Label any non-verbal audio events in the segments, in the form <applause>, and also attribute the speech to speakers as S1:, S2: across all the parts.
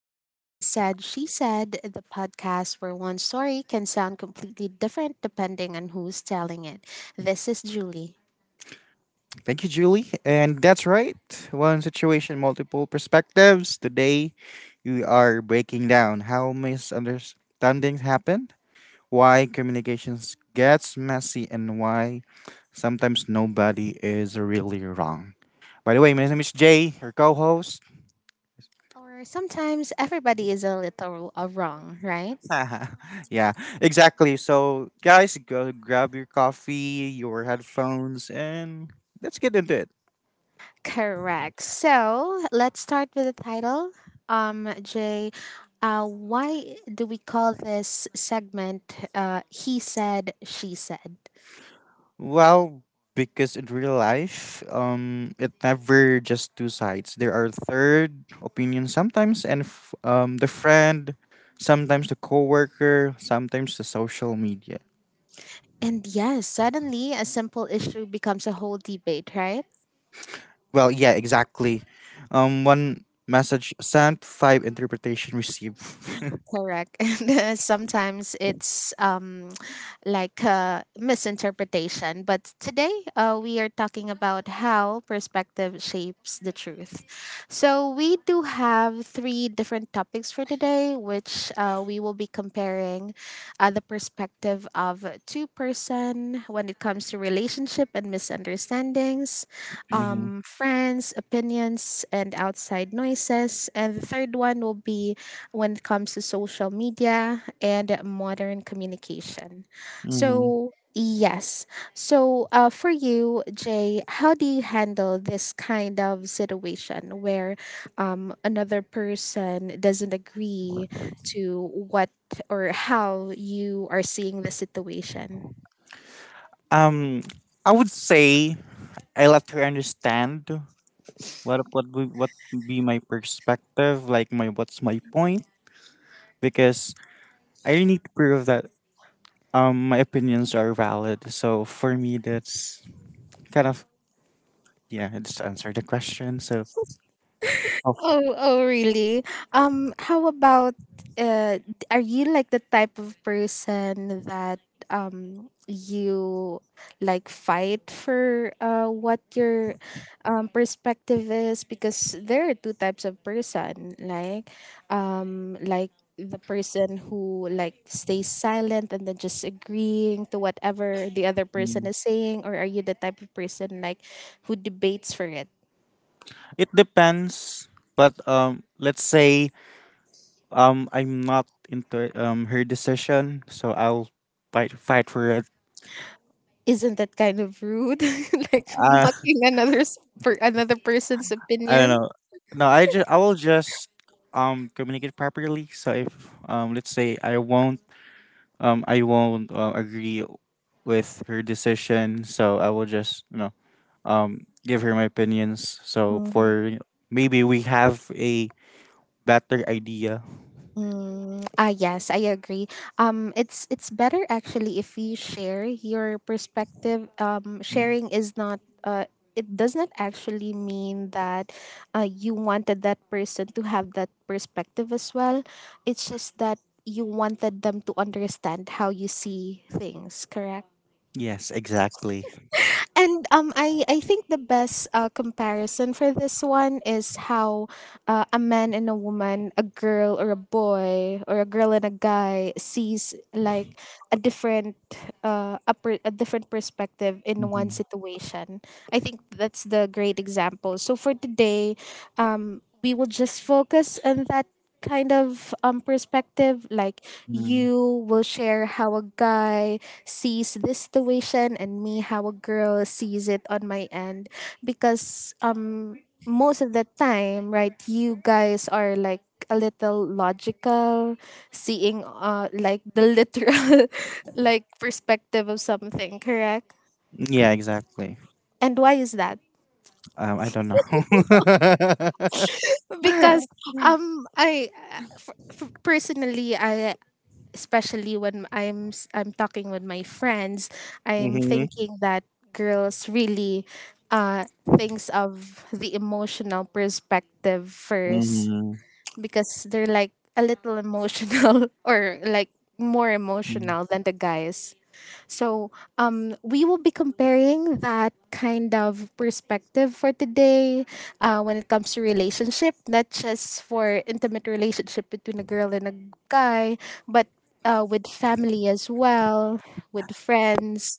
S1: of He Said, She Said, the podcast where one story can sound completely different depending on who's telling it. This is Julie.
S2: Thank you, Julie. And that's right. One situation, multiple perspectives. Today, we are breaking down how misunderstandings happen, why communications gets messy, and why sometimes nobody is really wrong. By the way, my name is Jay, your co-host.
S1: Or sometimes everybody is a little wrong, right?
S2: <laughs> Yeah, exactly. So, guys, go grab your coffee, your headphones, and let's get into it.
S1: Correct. So let's start with the title. Jay, why do we call this segment He Said, She Said?
S2: Well, because in real life, it never just two sides. There are third opinions sometimes, and the friend, sometimes the coworker, sometimes the social media.
S1: And yes, suddenly a simple issue becomes a whole debate, right?
S2: Well, yeah, exactly. One message sent, five interpretation received. <laughs>
S1: Correct. <laughs> And sometimes it's <tsk> like misinterpretation. But today we are talking about how perspective shapes the truth. So we do have three different topics for today, which we will be comparing the perspective of a two-person when it comes to relationship and misunderstandings,
S2: Mm-hmm.
S1: friends, opinions, and outside noises. And the third one will be when it comes to social media and modern communication.
S2: Mm-hmm.
S1: So, yes. So, for you, Jay, how do you handle this kind of situation where another person doesn't agree to what or how you are seeing the situation?
S2: um, I would say I let her understand what would be my perspective, like my what's my point, because I really need to prove that my opinions are valid. So for me, that's kind of yeah. Just to answer the question. So of
S1: Oh, oh, really? How about uh, d- are you like the type of person that you like fight for what your perspective is? Because there are two types of person, like um like the person who like stays silent and then just agreeing to whatever the other person
S2: me,
S1: is saying, or are you the type of person like who debates for it?
S2: it depends. But let's say I'm not into her decision, so I'll fight for it.
S1: Isn't that kind of rude? <laughs> Like
S2: Uh,
S1: mocking another person's
S2: <laughs> I don't
S1: opinion?
S2: know. No, I will just communicate properly. So if let's say I won't agree with her decision, so I will just you know give her my opinions. So
S1: mm
S2: for maybe we have a better idea.
S1: Ah, yes, I agree. It's better actually if you share your perspective.
S2: Mm.
S1: Sharing is not it does not actually mean that you wanted that person to have that perspective as well. It's just that you wanted them to understand how you see things. Correct.
S2: Yes, exactly.
S1: And I think the best comparison for this one is how a man and a woman, a girl or a boy, or a girl and a guy sees like a different a different perspective in one
S2: Hmm.
S1: situation. I think that's the great example. So for today, we will just focus on that kind of perspective like you will share how a guy sees this situation and me how a girl sees it on my end because most of the time, right, you guys are like a little logical, seeing like the literal <laughs> like perspective of something. Correct.
S2: Yeah, exactly.
S1: And why is that?
S2: I don't know. <laughs>
S1: Because I uh, personally I especially when I'm talking with my friends, I'm
S2: Mm-hmm.
S1: thinking that girls really uh thinks of the emotional perspective first
S2: Mm-hmm.
S1: because they're like a little emotional <laughs> or like more emotional than the guys. So we will be comparing that kind of perspective for today when it comes to relationship, not just for intimate relationship between a girl and a guy, but with family as well, with friends,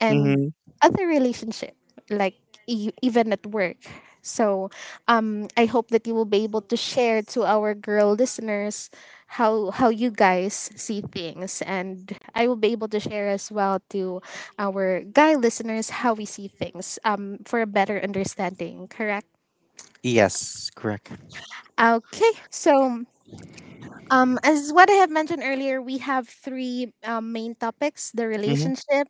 S1: and
S2: Mm-hmm.
S1: other relationship like even at work. So I hope that you will be able to share to our girl listeners how you guys see things, and I will be able to share as well to our guy listeners how we see things, for a better understanding. Correct.
S2: Yes, correct.
S1: Okay, so um, as what I have mentioned earlier, we have three main topics: the
S2: Mm-hmm.
S1: relationship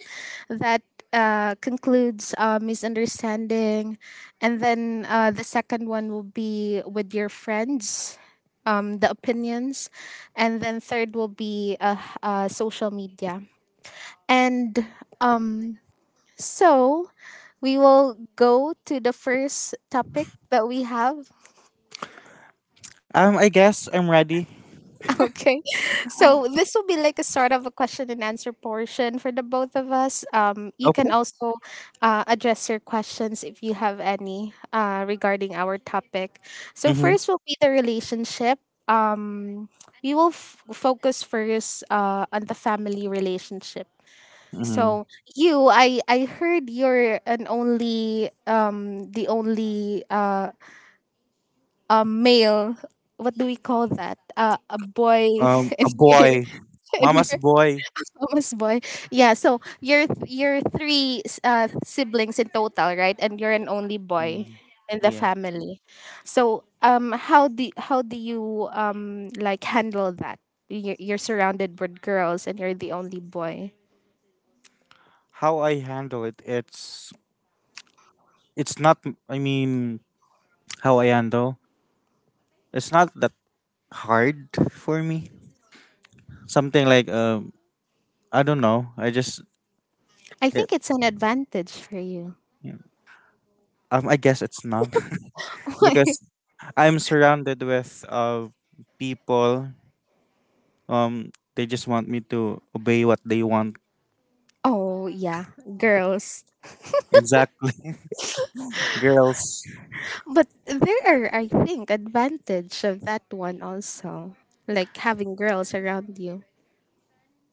S1: that concludes misunderstanding, and then the second one will be with your friends, the opinions, and then third will be social media. And um, so we will go to the first topic that we have.
S2: I guess I'm ready.
S1: Okay. <laughs> So this will be like a sort of a question and answer portion for the both of us. You can
S2: Okay.
S1: also address your questions if you have any regarding our topic. So first
S2: Mm-hmm.
S1: will be the relationship. Um, we will focus first on the family relationship.
S2: Mm-hmm.
S1: So I heard you're an only, the only male. What do we call that? A boy <laughs> in,
S2: A boy, mama's boy.
S1: almost boy. Yeah, so you're three siblings in total, right? And you're an only boy
S2: Mm.
S1: in the
S2: Yeah.
S1: family. So, um, how do you like handle that? You're surrounded with girls and you're the only boy.
S2: How I handle it, it's not. I mean, Hawaiian though. It's not that hard for me. Something like I don't know. I just
S1: I think
S2: it,
S1: it's an advantage for you.
S2: I guess it's not <laughs> because
S1: <laughs>
S2: I'm surrounded with people. They just want me to obey what they want.
S1: Oh, yeah, girls.
S2: Exactly, <laughs> girls.
S1: But there are I think advantage of that one also. Like having girls around you.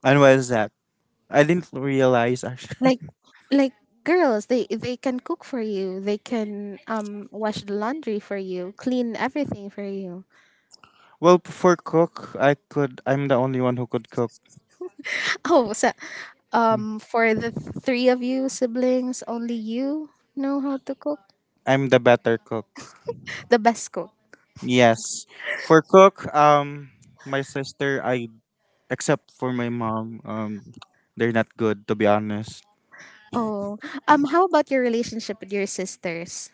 S2: And what is that? I didn't realize actually.
S1: Like
S2: <laughs>
S1: like girls, they can cook for you, they can wash the laundry for you, clean everything for you.
S2: Well, for cook, I could. I'm the only one who could cook.
S1: Oh, so um, for the three of you siblings, only you know how to cook?
S2: I'm the better cook.
S1: The best cook.
S2: Yes. For cook, my sister, I except for my mom. They're not good to be honest.
S1: Oh. Um, how about your relationship with your sisters?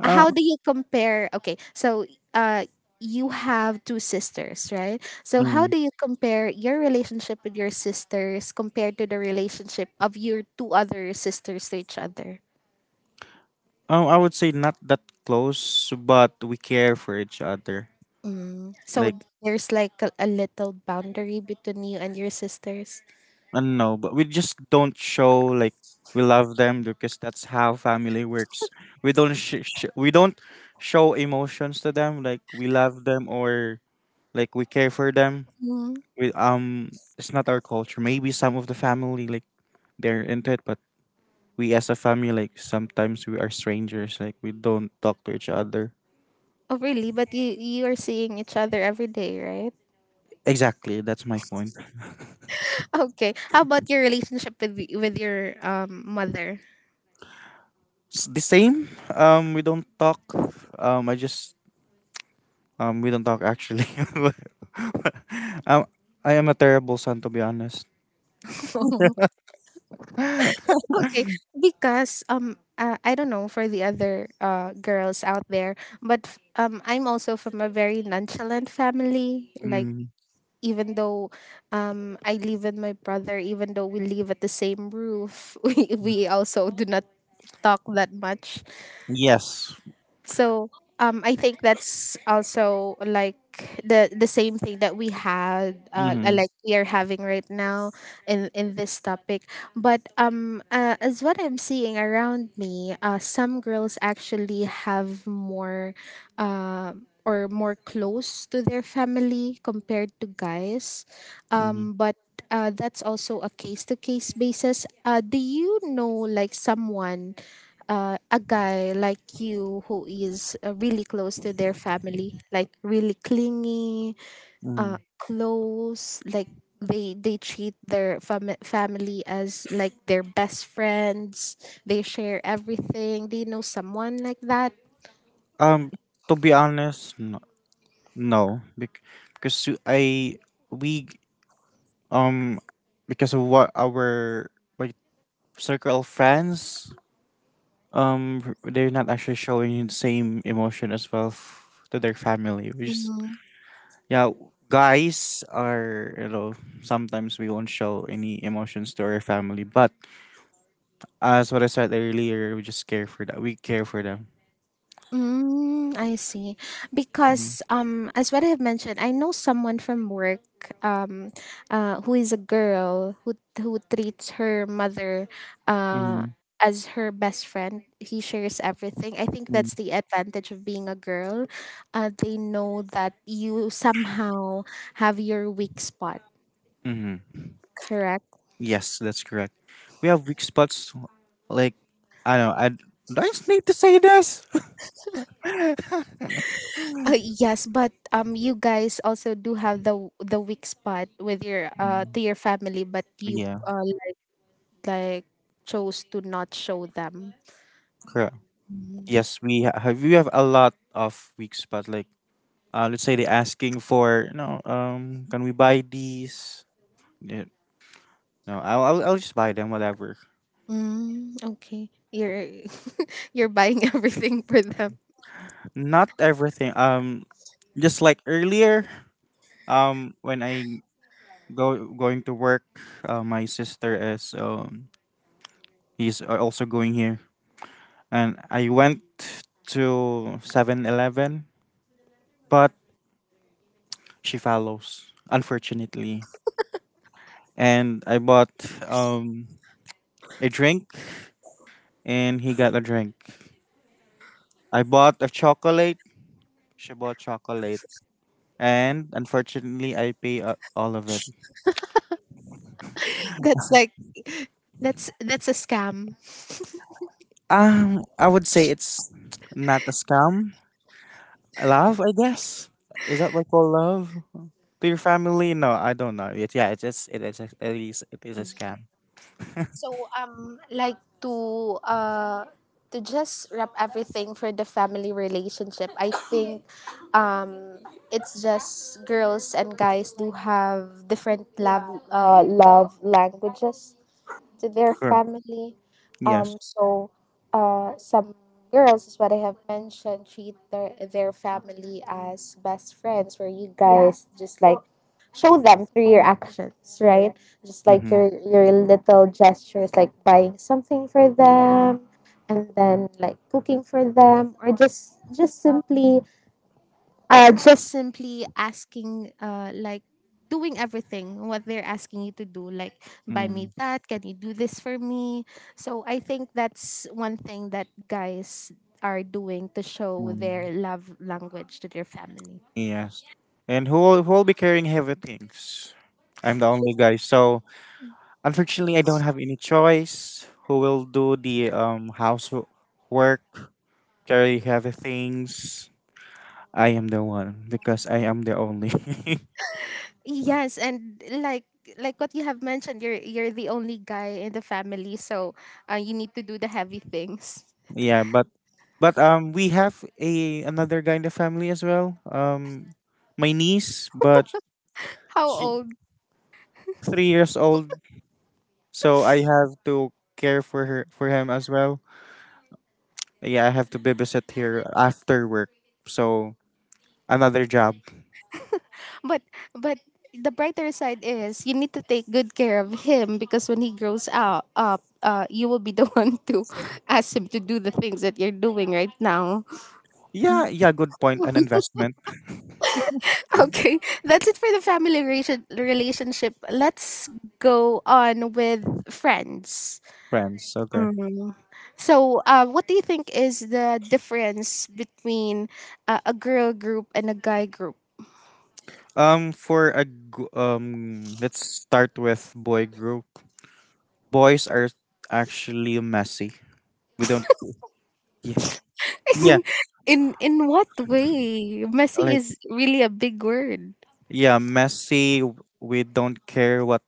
S2: Uh,
S1: How do you compare? Okay, so uh you have two sisters, right? So how
S2: mm,
S1: do you compare your relationship with your sisters compared to the relationship of your two other sisters to each other?
S2: I would say not that close, but we care for each other.
S1: Mm. So
S2: Like
S1: there's like a little boundary between you and your sisters.
S2: I don't know, but we just don't show like we love them because that's how family works. We don't show emotions to them like we love them or like we care for them.
S1: Mm.
S2: We it's not our culture. Maybe some of the family like they're into it, but we as a family like sometimes we are strangers like we don't talk to each other
S1: Oh, really? But you are seeing each other every day, right?
S2: exactly that's my point
S1: <laughs> Okay, how about your relationship with with your mother?
S2: The same we don't talk I just we don't talk actually <laughs> um, I am a terrible son to be honest.
S1: <laughs>
S2: <laughs>
S1: Okay, because I don't know for the other girls out there, but I'm also from a very nonchalant family. Like,
S2: Mm.
S1: even though I live with my brother, even though we live at the same roof, <laughs> we also do not talk that much.
S2: Yes.
S1: So I think that's also like the same thing that we had
S2: Mm-hmm.
S1: like we are having right now in this topic. But as what I'm seeing around me, some girls actually have more. Uh, or more close to their family compared to guys
S2: Mm-hmm.
S1: but that's also a case to case basis. Uh, do you know like someone, a guy like you, who is really close to their family, like really clingy,
S2: Mm-hmm.
S1: close, like they treat their family as like their best friends. They share everything. Do you know someone like that?
S2: um to be honest, no, no bec- because you- I we um because of what our my circle of friends they're not actually showing the same emotion as well to their family which is
S1: Mm-hmm.
S2: yeah guys are you know sometimes we won't show any emotions to our family but as what I said earlier we care for them.
S1: Mm, I see. Because as what I have mentioned, I know someone from work um, who is a girl who treats her mother uh,
S2: Mm-hmm.
S1: as her best friend. He shares everything. I think that's the advantage of being a girl. They know that you somehow have your weak spot.
S2: Mm-hmm.
S1: Correct.
S2: Yes, that's correct. We have weak spots like I don't know I do I just need to say this. <laughs>
S1: Yes, but you guys also do have the weak spot with your
S2: Mm,
S1: to your family, but you
S2: yeah,
S1: uh, like chose to not show them.
S2: correct. Yes, have. We have a lot of weeks, but like, let's say they're asking for, you know, can we buy these? Yeah, no, I'll just buy them, whatever.
S1: Mm, okay. You're <laughs> you're buying everything for them.
S2: Not everything. Just like earlier, when I go going to work, my sister is he's also going here, and I went to 7-Eleven, but she follows, unfortunately, and I bought um a drink and he got a drink. I bought a chocolate. She bought chocolate, and unfortunately, I pay all of it.
S1: That's like that's a scam.
S2: I would say it's not a scam. Love, I guess. Is that what called love to your family? No, I don't know. It's yeah, it's just it is a, it is a scam.
S1: So um, like to just wrap everything for the family relationship, I think um, it's just girls and guys do have different love love languages to their
S2: Sure.
S1: family.
S2: Yes.
S1: So some girls, is what I have mentioned, treat their family as best friends, where you guys just like show them through your actions, right? Just like
S2: Mm-hmm.
S1: your little gestures, like buying something for them, and then like cooking for them, or just simply asking like doing everything what they're asking you to do, like buy me that, can you do this for me. So I think that's one thing that guys are doing to show
S2: Mm-hmm.
S1: their love language to their family.
S2: Yes. And who will be carrying heavy things? I'm the only guy, so unfortunately, I don't have any choice. Who will do the housework, carry heavy things? I am the one because I am the only. <laughs>
S1: Yes, and like what you have mentioned, you're the only guy in the family, so you need to do the heavy things.
S2: Yeah, but we have a another guy in the family as well. Um, my niece, but
S1: How
S2: she
S1: old?
S2: 3 years old, so I have to care for her for him as well. Yeah, I have to babysit here after work. So another job.
S1: But but the brighter side is you need to take good care of him, because when he grows out up, you will be the <laughs> one to ask him to do the things that you're doing right now. <laughs>
S2: Yeah, yeah, good point. An investment,
S1: Okay, that's it for the family relationship. Let's go on with friends.
S2: friends. Okay.
S1: Mhm. So, what do you think is the difference between a girl group and a guy group?
S2: For a let's start with boy group. Boys are actually messy. We don't. Yeah, yeah,
S1: <laughs> In what way? Messy
S2: like
S1: is really a big word. <laughs>
S2: yeah, messy. We don't care what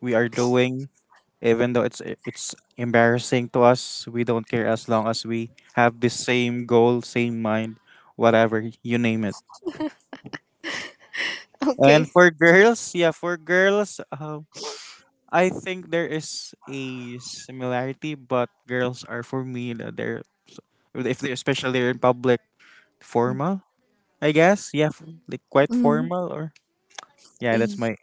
S2: we are doing, even though it's embarrassing to us. We don't care as long as we have the same goal, same mind, whatever you name it. And
S1: Okay.
S2: for girls, yeah, for girls, I think there is a similarity, but girls are for me that if they especially they're in public formal. I guess yeah, like quite
S1: Mm.
S2: formal or yeah. That's
S1: Y-
S2: my.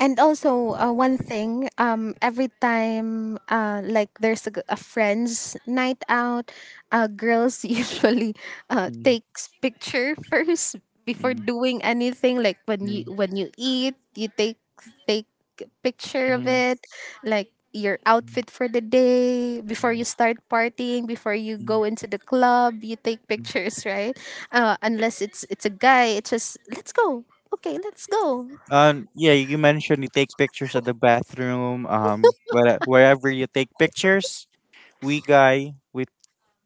S1: And also, one thing, every time, like there's a friend's night out, girls <laughs> usually
S2: Mm,
S1: takes picture first before
S2: mm,
S1: doing anything. Like
S2: mm,
S1: when you eat, you take picture
S2: mm,
S1: of
S2: mm,
S1: it, like your outfit for the day before you
S2: mm,
S1: start partying, before you
S2: mm,
S1: go into the club, you take
S2: mm.
S1: pictures, right? Uh, unless it's it's a guy, it's just let's go, okay, let's go.
S2: Yeah, you mentioned you take pictures at the bathroom. Where, wherever you take pictures, we guy we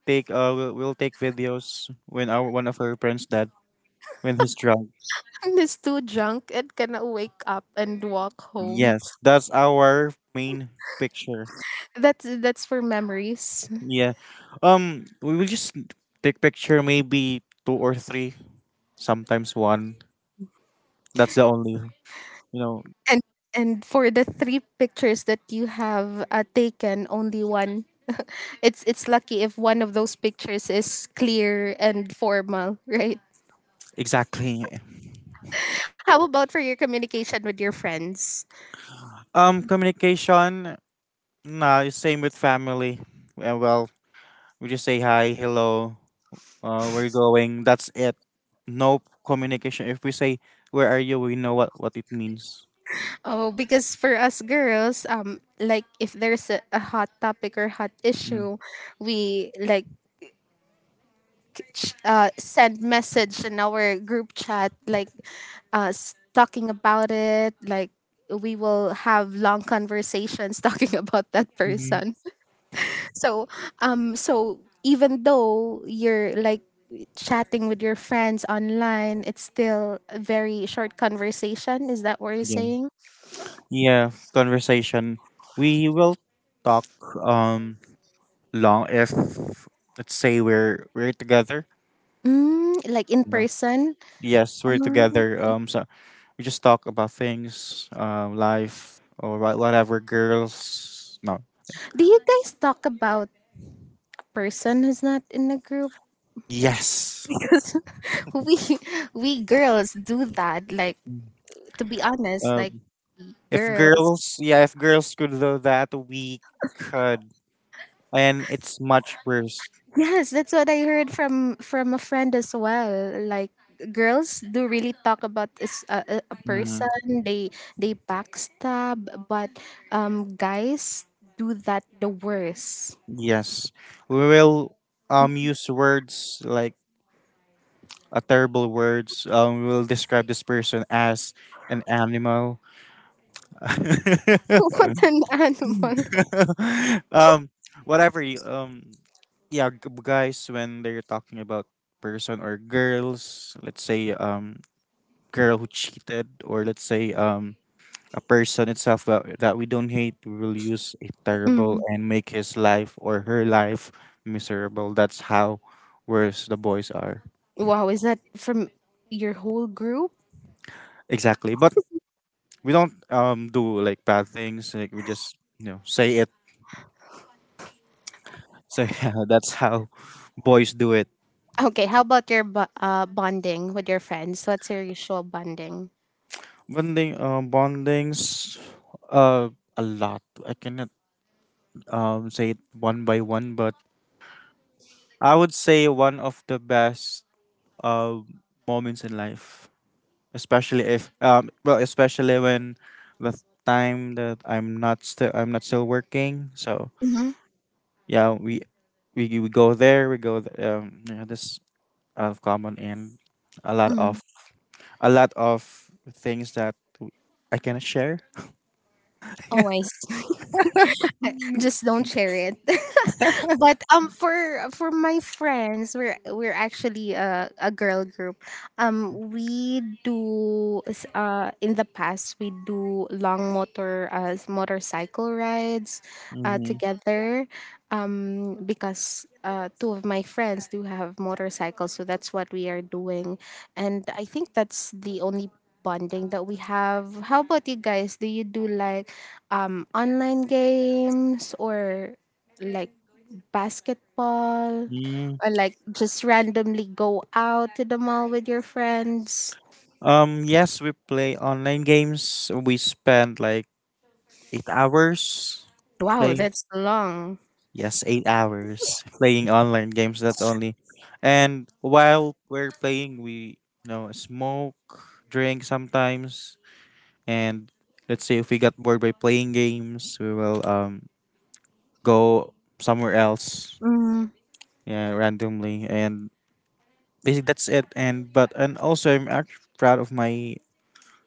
S2: take we'll take videos when our one of our friends dad when he's drunk.
S1: And is too drunk and cannot wake up and walk home.
S2: Yes, that's our main picture.
S1: That's for memories.
S2: Yeah. We will just take picture maybe two or three, sometimes one. That's the only, you know,
S1: And and for the three pictures that you have taken, only one. It's lucky if one of those pictures is clear and formal, <laughs> right?
S2: exactly.
S1: How about for your communication with your friends?
S2: Communication. Nah, it's same with family. Well, we just say hi, hello, we're going. That's it. No communication. If we say where are you, we know what it means.
S1: Oh, because for us girls, like if there's a hot topic or hot issue, we like send message in our group chat like talking about it like we will have long conversations <laughs> talking about that
S2: Mm-hmm.
S1: person <laughs> so so even though you're like chatting with your friends online, it's still a very short conversation. Is that what you're saying?
S2: Yeah, conversation, we will talk um long if let's say we're together
S1: Mm, like in
S2: you know.
S1: person.
S2: Yes, we're
S1: Mm.
S2: together so we just talk about things life or whatever girls no
S1: Do you guys talk about person who's not in the group?
S2: yes
S1: <laughs> we we girls do that, like, to be honest, like
S2: um if
S1: girls.
S2: girls yeah if girls could do that we could, and it's much worse.
S1: Yes, that's what I heard from a friend as well. Like girls do really talk about is a
S2: Mm,
S1: person. They they backstab, but guys do that the worst.
S2: yes, we will use words like a terrible words. We'll describe this person as an animal.
S1: <laughs>
S2: <laughs>
S1: What an animal!
S2: um, whatever. Yeah, guys, when they're talking about person or girls, let's say girl who cheated, or let's say a person itself that, that we don't hate, we will use a terrible
S1: Mm.
S2: and make his life or her life miserable. That's how worse the boys are.
S1: Wow, is that from your whole group?
S2: Exactly. But we don't do like bad things like we just you know say it so <laughs> yeah that's how boys do it.
S1: Okay, how about your bonding with your friends? What's your usual bonding?
S2: Bonding, bondings, uh a lot, I cannot say it one by one, but I would say one of the best uh moments in life, especially if well, especially when the time that I'm not still working, so yeah we go there yeah, this of common and a lot
S1: Mm-hmm.
S2: of a lot of things that I can share.
S1: Oh, I just don't share it. <laughs> But for my friends, we're actually a girl group. We do in the past we do long motorcycle rides
S2: Mm-hmm.
S1: together. Because two of my friends do have motorcycles, so that's what we are doing. And I think that's the only bonding that we have. How about you guys? Do you do like online games, or like basketball,
S2: Mm.
S1: or like just randomly go out to the mall with your friends?
S2: Yes, we play online games. We spend like 8 hours
S1: Wow,
S2: playing.
S1: that's long.
S2: Yes, 8 hours playing online games. That's only. And while we're playing, we you know smoke, drink sometimes, and let's say if we got bored by playing games, we will go somewhere else,
S1: Mm,
S2: yeah, randomly, and basically that's it. And but and also I'm actually proud of my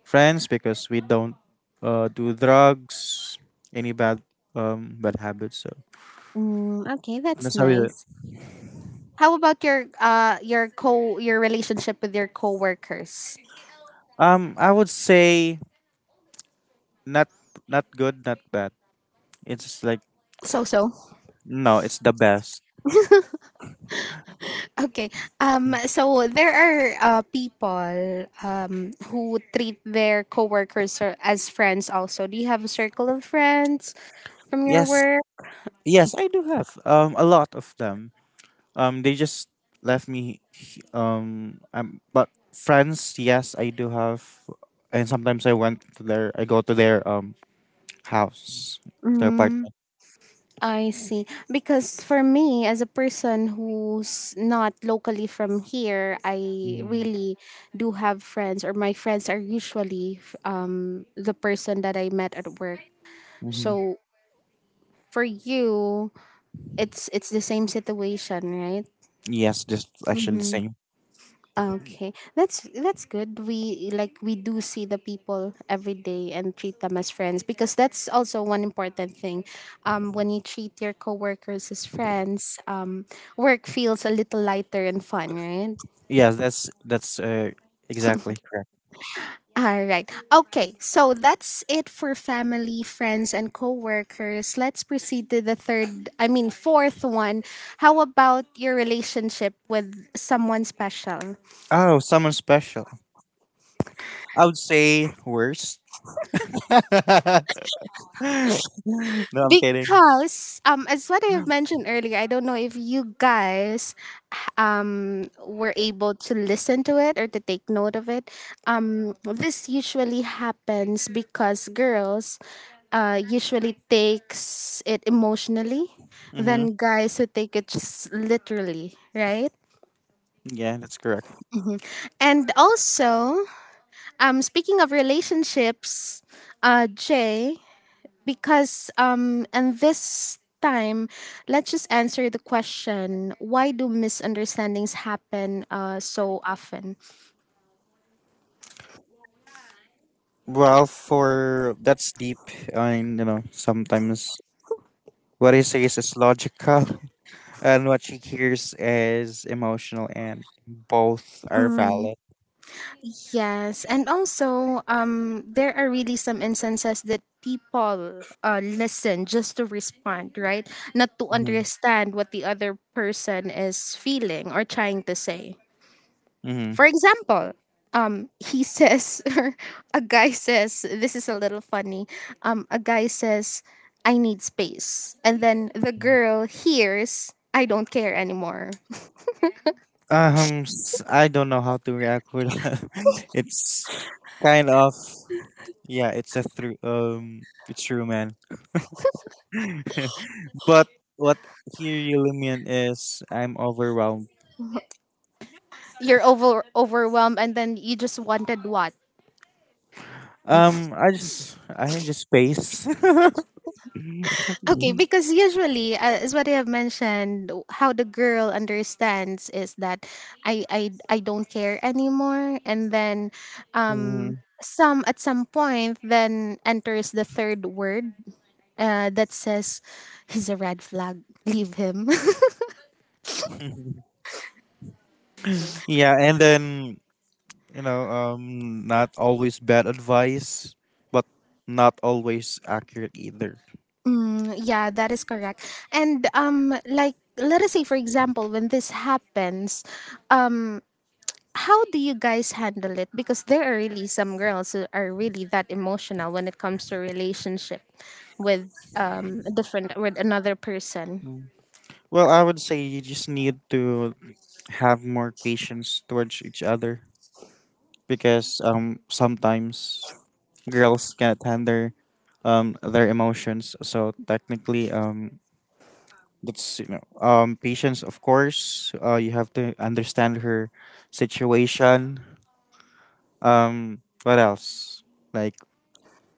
S2: friends because we don't do drugs, any bad bad habits, so
S1: mm, okay,
S2: and
S1: that's
S2: that's how we do it.
S1: nice. How about your co your relationship with your coworkers?
S2: I would say not not good not bad, it's just like
S1: So
S2: no it's the best.
S1: okay. So there are people who treat their coworkers or- as friends. Also, do you have a circle of friends from your
S2: Yes,
S1: work?
S2: yes, I do have a lot of them. They just left me. But friends, yes, I do have, and sometimes I went to their. I go to their house, their
S1: Mm,
S2: apartment.
S1: I see. Because for me, as a person who's not locally from here, I really do have friends, or my friends are usually the person that I met at work.
S2: Mm-hmm.
S1: So for you, it's the same situation, right?
S2: Yes, just actually the same.
S1: Okay, that's good. We, like, we do see the people every day and treat them as friends because that's also one important thing. When you treat your coworkers as friends, work feels a little lighter and fun, right?
S2: Yes, that's exactly correct.
S1: All right. Okay, so that's it for family, friends, and coworkers. Let's proceed to the third. I mean, fourth one. How about your relationship with someone special?
S2: Oh, someone special. I would say worst. <laughs> No, I'm kidding.
S1: Because as what I have mentioned earlier, I don't know if you guys were able to listen to it or to take note of it. This usually happens because girls usually takes it emotionally
S2: Mm-hmm.
S1: than guys who take it just literally, right?
S2: Yeah, that's correct.
S1: And also, speaking of relationships, Jay, because and this time let's just answer the question: why do misunderstandings happen so often?
S2: Well, for that's deep, and you know sometimes what he says is logical, <laughs> and what she hears is emotional, and both are valid.
S1: Yes, and also there are really some instances that people listen just to respond, right, not to
S2: Hmm.
S1: understand what the other person is feeling or trying to say. For
S2: Hmm.
S1: example, he says, <laughs> a guy says, this is a little funny. A guy says, I need space. And then the girl hears, I don't care anymore.
S2: I don't know how to react with that. <laughs> it's kind of yeah, it's a through it's true, man. <laughs> but what he really mean is I'm overwhelmed.
S1: You're overwhelmed, and then you just wanted what?
S2: I need just space. <laughs>
S1: Okay, because usually, as what I have mentioned, how the girl understands is that I don't care anymore, and then
S2: Mhm.
S1: some at some point then enters the third word that says he's a red flag. Leave him. <laughs>
S2: <laughs> Yeah, and then you know, not always bad advice, but not always accurate either.
S1: Mm, yeah, that is correct. And like let us say for example, when this happens, um, how do you guys handle it? Because there are really some girls who are really that emotional when it comes to relationship with a different with another person.
S2: Mm. Well, I would say you just need to have more patience towards each other because sometimes girls can't handle their emotions. So technically, that's you know, patience. Of course, you have to understand her situation. What else? Like,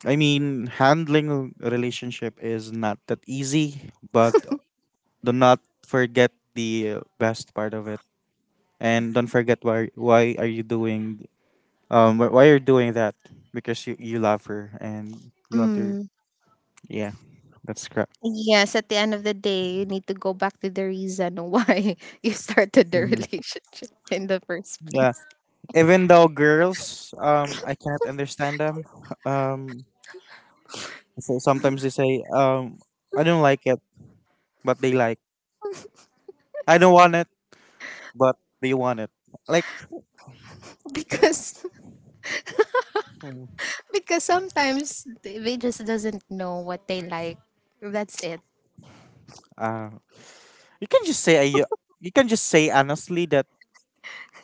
S2: handling a relationship is not that easy, but do not forget the best part of it, and don't forget why are you doing why you're doing that because you love her and you want to,
S1: Mm,
S2: yeah, that's correct.
S1: yes, at the end of the day, you need to go back to the reason why <laughs> you started the <laughs>
S2: Mhm.
S1: relationship in the first
S2: Yeah,
S1: place. <laughs>
S2: even though girls, I cannot understand them. <laughs> Um, so sometimes they say, I don't like it, but they like. I don't want it, but they want it. Like,
S1: Because
S2: mm,
S1: Because sometimes they just doesn't know what they like. That's it. <laughs>
S2: uh, you can just say you can just say honestly that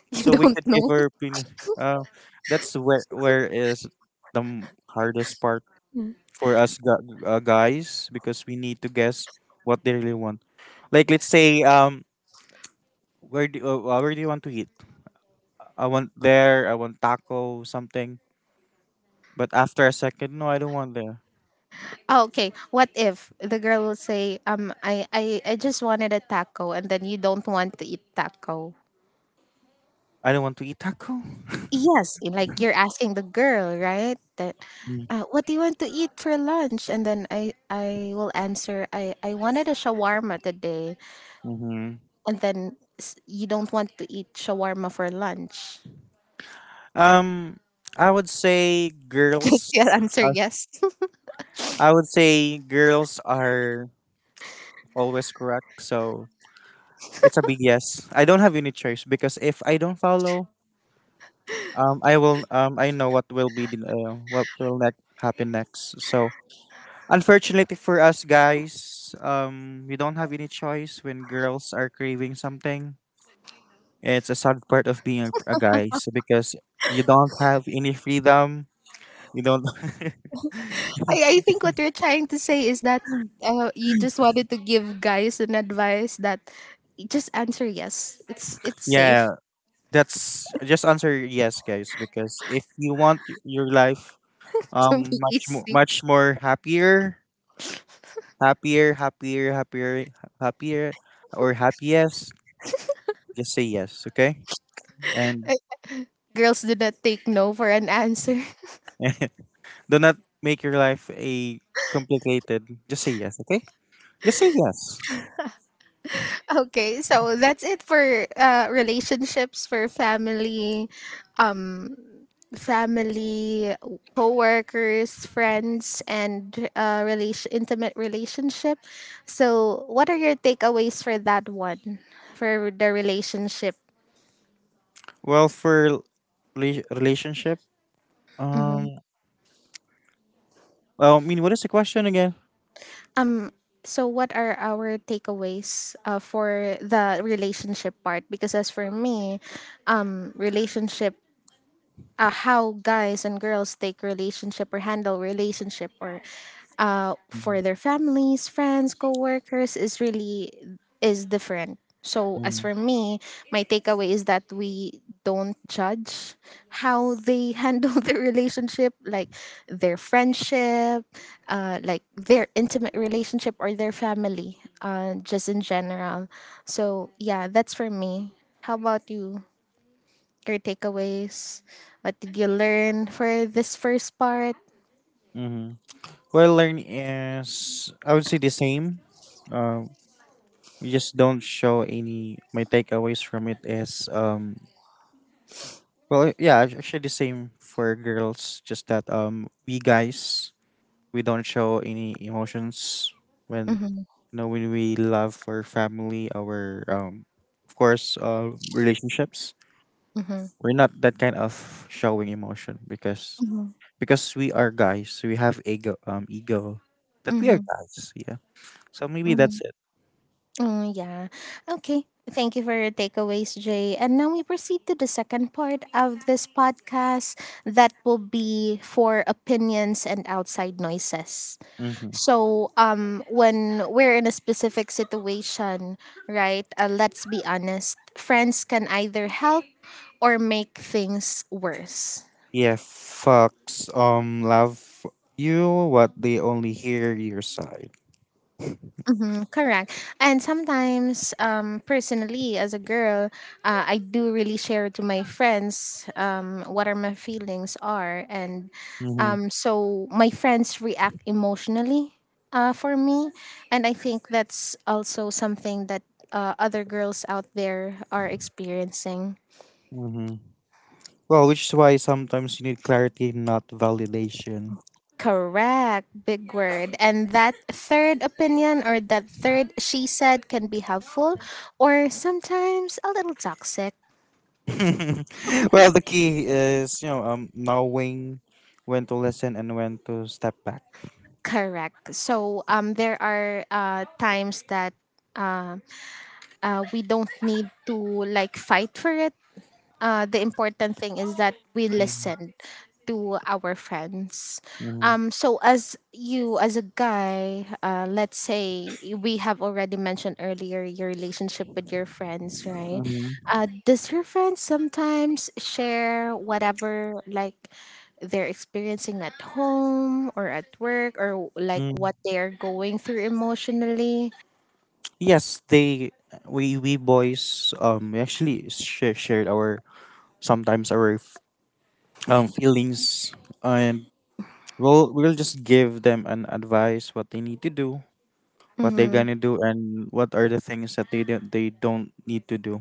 S1: You
S2: so we
S1: don't
S2: could give
S1: know.
S2: her opinion. Uh, that's where is the hardest part for us guys because we need to guess what they really want. Like, let's say, where do you want to eat? I want there. I want taco something. But after a second, no, I don't want there.
S1: Oh, okay. What if the girl will say, I just wanted a taco and then you don't want to eat taco?
S2: I don't want to eat taco.
S1: Yes. Like you're asking the girl, right? That what do you want to eat for lunch? And then I will answer, I wanted a shawarma today.
S2: Mm-hmm.
S1: And then you don't want to eat shawarma for lunch.
S2: Um, I would say
S1: <laughs> Just
S2: girls.
S1: your answer,
S2: Uh,
S1: yes.
S2: I would say girls are always correct. So it's a big yes. I don't have any choice because if I don't follow, I will I know what will be the what will next happen next. So unfortunately for us guys, we don't have any choice when girls are craving something. It's a sad part of being a guy. So because you don't have any freedom, you don't.
S1: I think what you're trying to say is that you just wanted to give guys an advice that just answer yes. It's
S2: <laughs>
S1: it's
S2: Yeah,
S1: safe
S2: that's just answer yes, guys. Because if you want your life
S1: <laughs> to be easy.
S2: much more happier, happier, happier, happier, happier, or happiest, just say yes, okay? And
S1: Girls do not take no for an answer. <laughs>
S2: <laughs> do not make your life a complicated. Just say yes, okay? Just say yes.
S1: Okay, so that's it for relationships for um, family, co-workers, friends, and relation intimate relationship. So, what are your takeaways for that one, for the relationship?
S2: Well, for relationship, um, well, what is the question again?
S1: Um, so what are our takeaways for the relationship part? Because as for me, relationship how guys and girls take relationship or handle relationship or
S2: Mm-hmm.
S1: for their families, friends, co-workers is different. So as for me, my takeaway is that we don't judge how they <laughs> handle their relationship, like their friendship, like their intimate relationship or their family, just in general. So yeah, that's for me. How about you? Your takeaways? What did you learn for this first part?
S2: Mm-hmm. Well, learn is, I would say, the same. Um, we just don't show any. My takeaways from it is, well, yeah, actually the same for girls. Just that, we guys, we don't show any emotions when,
S1: Mm-hmm,
S2: you know, when we love our family, our, of course, relationships.
S1: mm-hmm,
S2: We're not that kind of showing emotion because
S1: mm-hmm,
S2: because we are guys. We have ego, ego that we
S1: mm-hmm,
S2: are guys. Yeah. So maybe
S1: mm-hmm.
S2: that's it.
S1: Oh, yeah. Okay. Thank you for your takeaways, Jay. And now we proceed to the second part of this podcast that will be for opinions and outside noises.
S2: Hmm.
S1: So, when we're in a specific situation, right, let's be honest, friends can either help or make things worse.
S2: Yeah. Fucks. Love you. What, they only hear your side.
S1: Mm-hmm, correct. And sometimes, personally, as a girl, I do really share to my friends what are my feelings are, and
S2: Mm-hmm.
S1: so my friends react emotionally for me, and I think that's also something that other girls out there are experiencing.
S2: Mm-hmm. Well, which is why sometimes you need clarity, not validation.
S1: Correct, big word. And that third opinion or that third she said can be helpful or sometimes a little toxic.
S2: <laughs> Well, the key is, you know, knowing when to listen and when to step back.
S1: Correct. So there are times that uh, we don't need to, like, fight for it. The important thing is that we
S2: Mm,
S1: listen to our friends.
S2: mm,
S1: So as you as a guy, let's say we have already mentioned earlier your relationship with your friends, right?
S2: mm,
S1: Does your friends sometimes share whatever like they're experiencing at home or at work or like
S2: mm.
S1: what they are going through emotionally?
S2: Yes, they, we boys, we actually shared our sometimes our feelings, and we'll just give them an advice what they need to do, what they're gonna do, and what are the things that they don't need to do.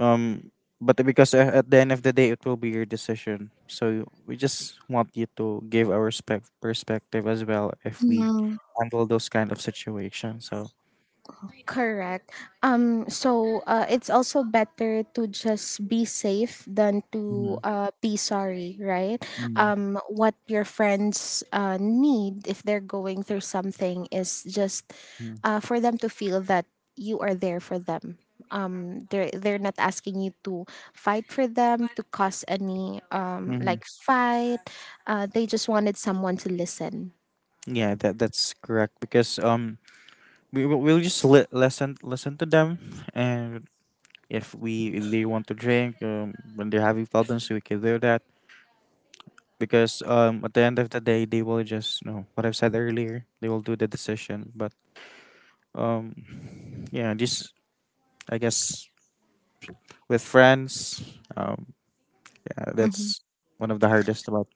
S2: um but because, at the end of the day, it will be your decision, so we just want you to give our perspective as well if we
S1: Mm-hmm.
S2: handle those kind of situations. So,
S1: Correct. So, it's also better to just be safe than to be sorry, right?
S2: mm-hmm,
S1: What your friends need if they're going through something is just for them to feel that you are there for them. They're not asking you to fight for them to cause any
S2: hmm,
S1: like fight. They just wanted someone to listen.
S2: yeah, that that's correct because, we will, we'll just listen listen to them, and if we, if they want to drink when they're having problems, we can do that because, at the end of the day, they will just, you know, what I've said earlier, they will do the decision. But, um yeah, just, I guess, with friends, yeah,
S1: Mm-hmm.
S2: that's one of the hardest about.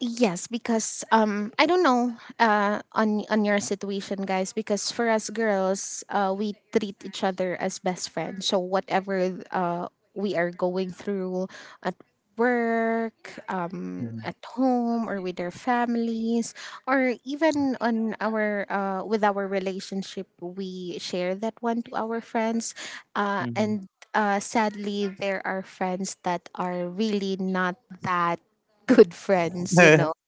S1: Yes, because I don't know on your situation, guys. Because for us girls, we treat each other as best friends. So whatever we are going through, uh, work,
S2: Mhm,
S1: at home, or with their families, or even on our with our relationship, we share that one to our friends,
S2: mhm.
S1: and sadly, there are friends that are really not that good friends,
S2: <laughs>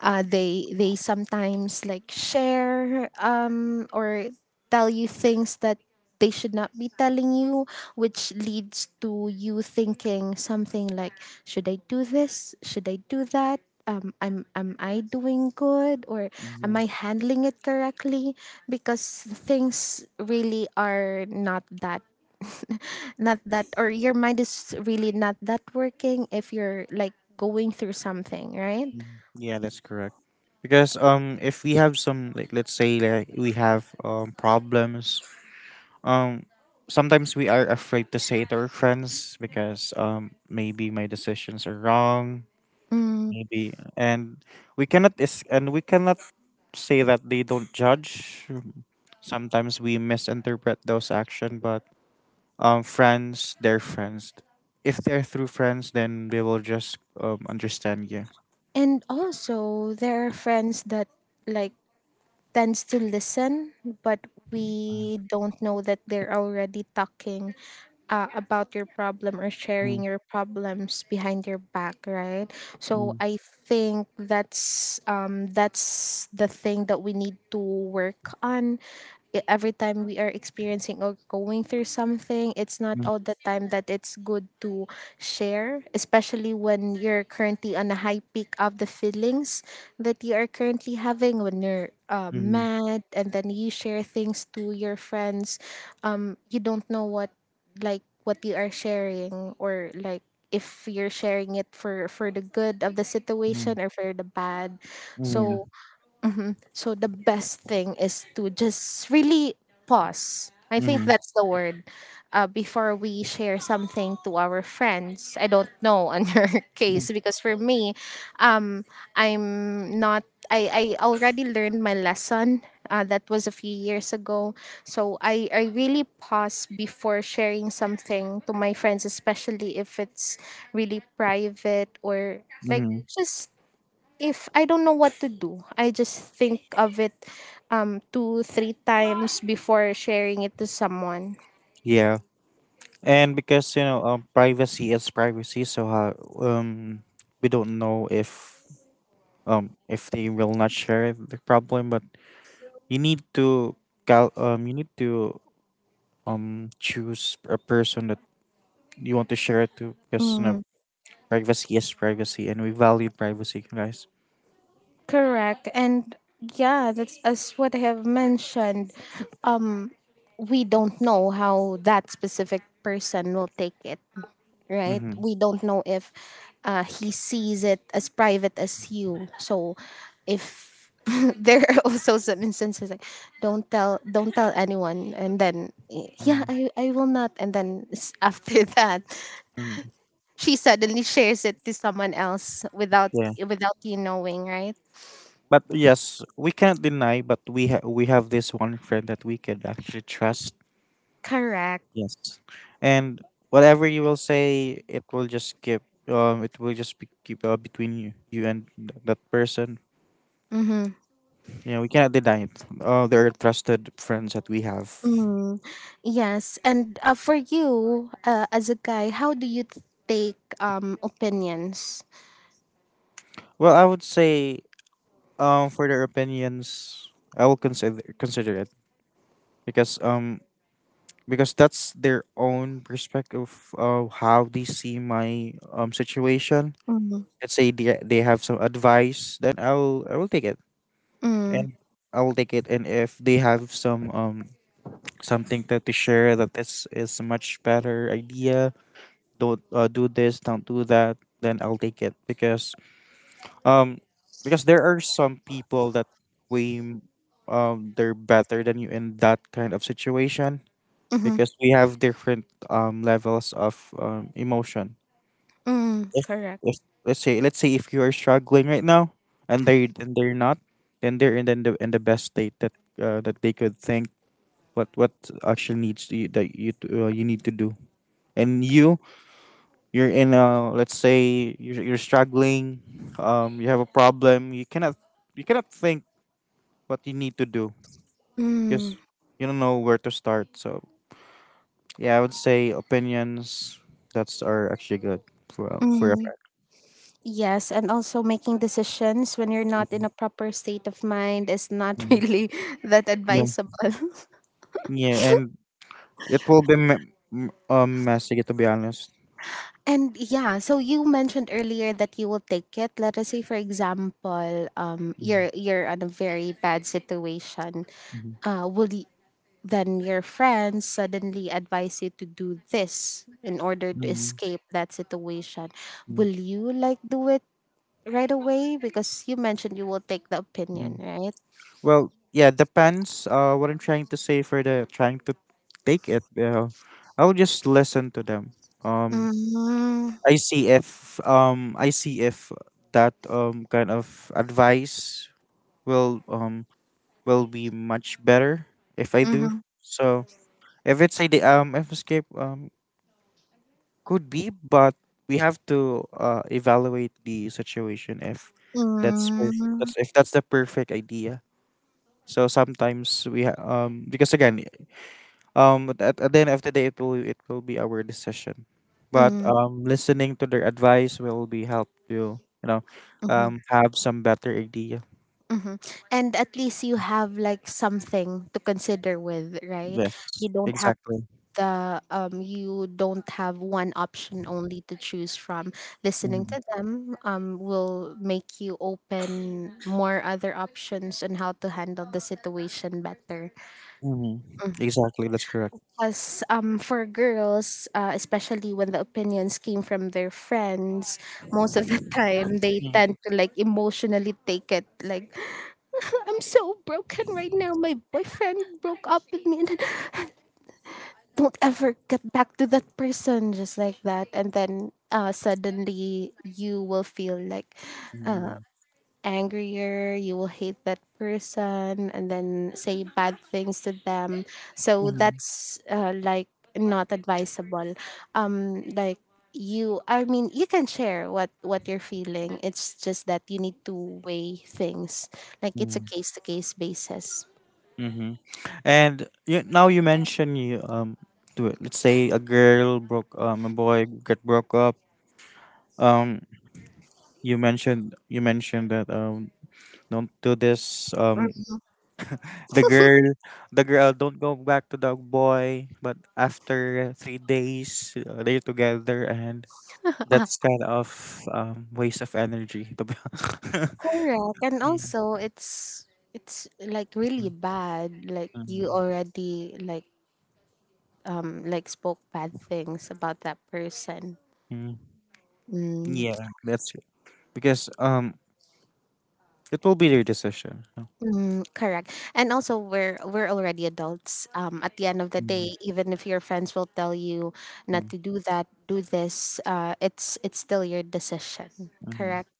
S1: they sometimes like share, or tell you things that they should not be telling you, which leads to you thinking something like, should I do this, should I do that, am I doing good, or am
S2: Mhm,
S1: I handling it correctly, because things really are not that <laughs> not that, or your mind is really not that working if you're like going through something, right?
S2: mhm. Yeah, that's correct because, if we have some, like, let's say like we have problems, um sometimes we are afraid to say it to our friends because, maybe my decisions are wrong,
S1: Mm.
S2: maybe, and we cannot say that they don't judge. Sometimes we misinterpret those action, but, friends, they're friends. If they're through friends, then they will just, understand you.
S1: And also, there are friends that, like, tends to listen, but we don't know that they're already talking about your problem or
S2: Mm,
S1: sharing your problems behind your back, right? So
S2: mm,
S1: I think that's the thing that we need to work on. Every time we are experiencing or going through something, it's not
S2: mm,
S1: all the time that it's good to share, especially when you're currently on a high peak of the feelings that you are currently having, when you're
S2: mhm,
S1: mad and then you share things to your friends. You don't know what, what you are sharing, or like, if you're sharing it for the good of the
S2: mm,
S1: situation or for the bad.
S2: mm,
S1: So so the best thing is to just really pause, I think
S2: mhm,
S1: that's the word. Before we share something to our friends, I don't know on <laughs> your
S2: mm,
S1: case. Because for me, I'm not I, I already learned my lesson. That was a few years ago. So I really pause before sharing something to my friends, especially if it's really private, or like,
S2: mhm.
S1: just if I don't know what to do. I just think of it two, three times before sharing it to someone.
S2: Yeah, and because, you know, privacy is privacy, so how, um, we don't know if, if they will not share the problem, but you need to cal you need to choose a person that you want to share it to because, you know,
S1: Mm,
S2: privacy, yes, privacy, and we value privacy, guys.
S1: correct. And yeah, that's as what I have mentioned. um, we don't know how that specific person will take it, right?
S2: Mm-hmm.
S1: We don't know if he sees it as private as you. So if <laughs> there are also some instances like don't tell anyone and then yeah, I will not and then <laughs> after that
S2: Mm-hmm.
S1: she suddenly shares it to someone else without
S2: Yeah,
S1: without you knowing, right?
S2: but yes, we can't deny. But we have this one friend that we can actually trust.
S1: Correct.
S2: Yes, and whatever you will say, it will just keep. It will just be keep, between you, you and that person. Yeah, we cannot deny it. There are trusted friends that we have.
S1: Mm, yes, and for you, as a guy, how do you take opinions?
S2: Well, I would say, for their opinions, I will consider it because, because that's their own perspective of how they see my situation.
S1: Mm,
S2: Let's say they have some advice, then I will take it,
S1: mm,
S2: and I will take it. And if they have some something that to share, that this is a much better idea, don't, do this, don't do that, then I'll take it because, um because there are some people that we, they're better than you in that kind of situation
S1: mm-hmm,
S2: because we have different levels of, emotion.
S1: mm,
S2: If,
S1: correct.
S2: if, let's say if you are struggling right now, and they're not, then they're in the in the best state that, that they could think what actually needs to you, that you to, you need to do. And you, you're in a, let's say you're struggling, you have a problem, you cannot, you cannot think what you need to do
S1: Mm,
S2: because you don't know where to start. So yeah, I would say opinions that's are actually good for, for a
S1: mm,
S2: friend.
S1: yes, and also making decisions when you're not in a proper state of mind is not <laughs>
S2: Mhm.
S1: really that
S2: Yeah,
S1: advisable.
S2: yeah, and it will be messy, to be honest.
S1: And yeah, so you mentioned earlier that you will take it. Let us say, for example,
S2: Mhm,
S1: you're on a very bad situation.
S2: mhm,
S1: Will Then your friends suddenly advise you to do this in order to
S2: mhm,
S1: escape that situation.
S2: mhm,
S1: Will you like do it right away? Because you mentioned you will take the opinion,
S2: mhm.
S1: right?
S2: Well, yeah, depends. What I'm trying to say for the trying to take it, I will just listen to them. Um,
S1: Mm-hmm.
S2: I see if, I see if that kind of advice will, will be much better if I do.
S1: Mm-hmm.
S2: So if it's a the, if escape, could be, but we have to evaluate the situation if that's
S1: Mm-hmm.
S2: that's, if that's the perfect idea. So sometimes because again, at the end of the day, it will, it will be our decision, but,
S1: Mm-hmm.
S2: listening to their advice will be help you, you know, have some better idea.
S1: Mm-hmm. And at least you have like something to consider with, right? You
S2: Yes,
S1: don't have
S2: exactly.
S1: the you don't have one option only to choose from. Listening
S2: Hmm.
S1: to them, will make you open more other options on how to handle the situation better.
S2: Hmm. Exactly, that's correct.
S1: Because for girls, especially when the opinions came from their friends, most of the <laughs> time they
S2: Mm-hmm.
S1: tend to like emotionally take it like <laughs> I'm so broken right now. My boyfriend broke up with me, and don't ever get back to that person just like that, and then suddenly you will feel like uh, angrier, you will hate that person and then say bad things to them, so
S2: Mm-hmm.
S1: that's, like not advisable, like you, I mean, you can share what you're feeling. It's just that you need to weigh things, like it's a case to case basis.
S2: Mm-hmm. And you, now you mention you, do it. Let's say a girl broke, a boy get broke up. Um you mentioned, that, don't do this, the girl the girl don't go back to the boy, but after 3 days, they're together, and
S1: <laughs>
S2: that's kind of, waste of energy to be <laughs>
S1: Correct, and
S2: Mm,
S1: also it's like really
S2: mm,
S1: bad. Like you
S2: mm,
S1: already like spoke bad things about that person.
S2: mm. <laughs>
S1: Mm,
S2: Yeah, that's it because, it will be their decision. No?
S1: mm, correct, and also we're already adults. At the end of the day, even if your friends will tell you not
S2: Mm,
S1: to do that, do this, it's still your decision.
S2: hmm.
S1: Correct.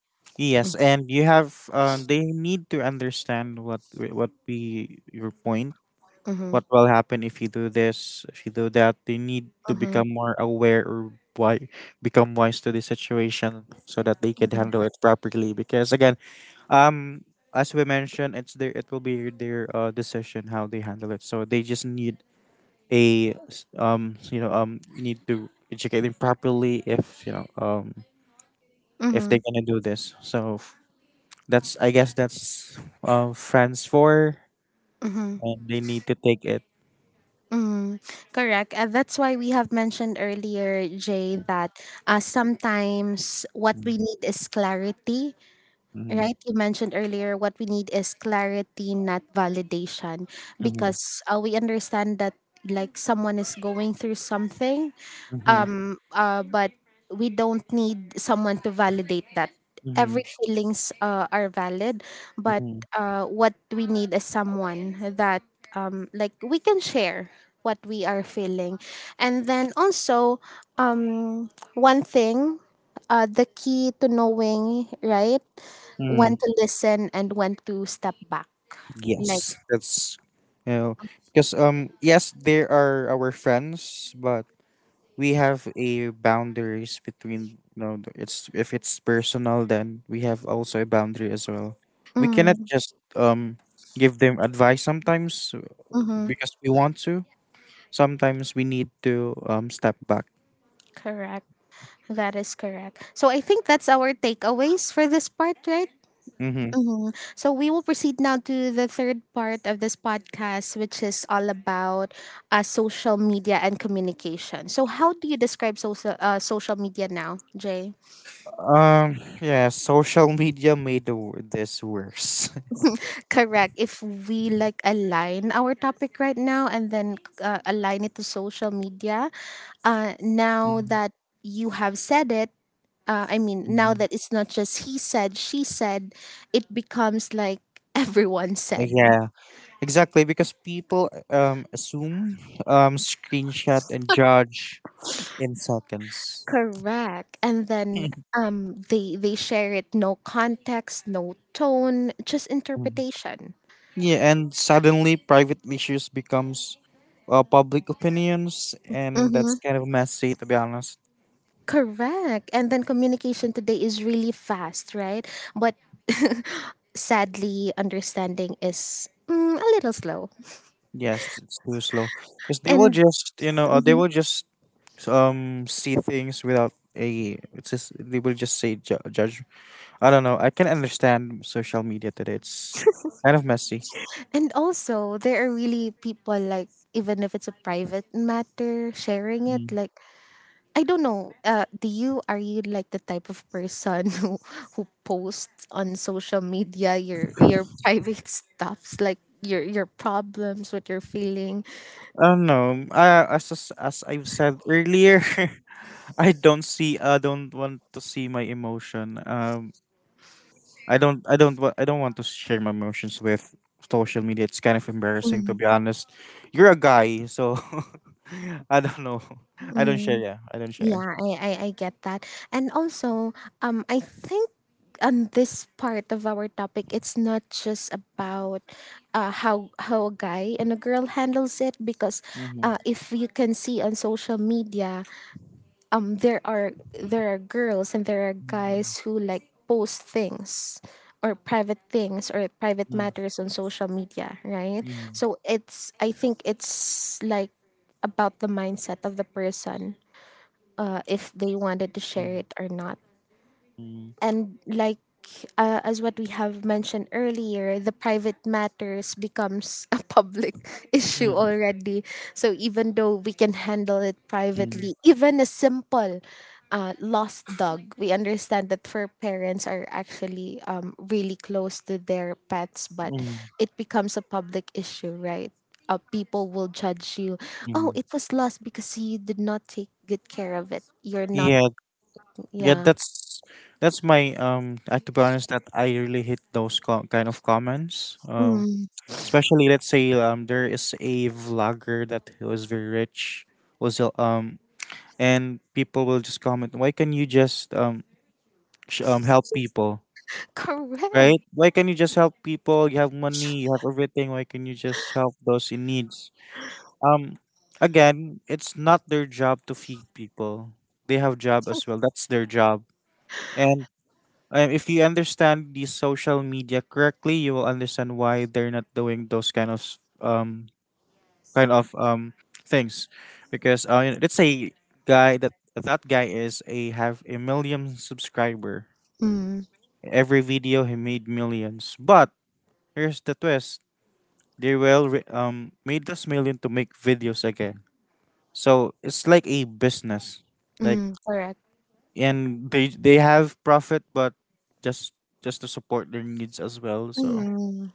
S2: Yes,
S1: Mm,
S2: and you have, they need to understand what, what be your point.
S1: mm-hmm,
S2: What will happen if you do this, if you do that? They need to
S1: mm-hmm,
S2: become more aware, or why, become wise to the situation so that they can handle
S1: mm-hmm,
S2: it properly. Because again, um, as we mentioned, it's their, it will be their, decision how they handle it. So they just need you know, need to educate them properly if you know, if
S1: mm-hmm.
S2: they're gonna do this. So that's, I guess, that's, France four,
S1: Mm-hmm.
S2: and they need to take it.
S1: Mm, correct. That's why we have mentioned earlier, Jay, that sometimes what
S2: Mm-hmm.
S1: we need is clarity, right? You mentioned earlier what we need is clarity, not validation,
S2: Mm-hmm.
S1: because we understand that like someone is going through something,
S2: Mm-hmm.
S1: but we don't need someone to validate that.
S2: Mm-hmm.
S1: Every feelings are valid, but
S2: Mm-hmm.
S1: what we need is someone that like we can share what we are feeling, and then also um, one thing, the key to knowing right when to
S2: Hmm.
S1: listen and when to step back. Like,
S2: Yes, that's, you know, because, yes, they are our friends, but we have a boundaries between, you know, it's, if it's personal, then we have also a boundary as well. We cannot
S1: mm,
S2: just, give them advice sometimes,
S1: mm-hmm,
S2: because we want to. Sometimes we need to, step back.
S1: correct. That is correct. So I think that's our takeaways for this part, right?
S2: Mm-hmm.
S1: Mhm. So we will proceed now to the third part of this podcast, which is all about social media and communication. So, how do you describe social, social media now, Jay?
S2: Um, yeah, social media made the, this worse. <laughs>
S1: Correct. If we like align our topic right now and then align it to social media, now
S2: Mhm,
S1: that you have said it, I mean, now
S2: mhm.
S1: that it's not just he said, she said, it becomes like <laughs> everyone said.
S2: Yeah, exactly. Because people, assume, screenshot and judge in seconds.
S1: Correct. And then they share it, no context, no tone, just
S2: Mhm.
S1: interpretation.
S2: Yeah, and suddenly private issues becomes, public opinions, and
S1: Mm-hmm.
S2: that's kind of messy, to be honest.
S1: Correct. And then communication today is really fast, right? But <laughs> sadly, understanding is a little slow.
S2: Yes, it's too slow. Because they will
S1: And
S2: just, you know, they
S1: mhm.
S2: will just, see things without a. It's just they will just say judge. I don't know. I can understand social media today. It's kind of messy.
S1: And also there are really people like, even if it's a private matter, sharing it
S2: Mm.
S1: like I don't know. Do you are you like the type of person <laughs> who posts on social media your <laughs> private stuffs like your problems, what you're feeling?
S2: I don't know. I, as I've said earlier, <laughs> I don't see. I don't want to see my emotion. I don't. I don't want to share my emotions with social media. It's kind of embarrassing, to
S1: Mm,
S2: be honest. You're a guy, so <laughs> I don't know. I don't share.
S1: mm.
S2: Yeah, I don't share.
S1: Yeah, I I get that. And also, I think on this part of our topic, it's not just about how a guy and a girl handles it, because
S2: Mhm.
S1: if you can see on social media, um there are there are girls and there are
S2: Mm,
S1: guys who like post things or private
S2: mm,
S1: matters on social media, right?
S2: mm,
S1: So it's I think it's like about the mindset of the person, if they wanted to share
S2: mm,
S1: it or not,
S2: mm,
S1: and like as what we have mentioned earlier, the private matters becomes a <laughs> public issue
S2: mm,
S1: already. So even though we can handle it
S2: mm,
S1: privately, even a simple lost dog, we understand that fur parents are actually, really close to their pets, but
S2: mm.
S1: it becomes a public issue, right? Uh, people will judge you. Oh,
S2: Mm.
S1: it was lost because you did not take good care of it, you're not.
S2: Yeah, yeah,
S1: Yeah.
S2: that's my to be honest that I really hate kind of comments.
S1: Mm.
S2: Especially, let's say, there is a vlogger that was very rich, was and people will just comment, why can you just help people?
S1: <laughs>
S2: Right,
S1: Correct.
S2: why can you just help people? You have money, you have everything, why can you just help those in needs? um Again, it's not their job to feed people. They have job as well, that's their job. And if you understand the social media correctly, you will understand why they're not doing those kind of things, because you know, let's say guy that that guy is a have a million subscriber.
S1: Mm,
S2: Every video he made millions, but here's the twist: they will made those million to make videos again. So it's like a business, like,
S1: mm, correct.
S2: and they have profit, but just just to support their needs as well. So.
S1: Mm,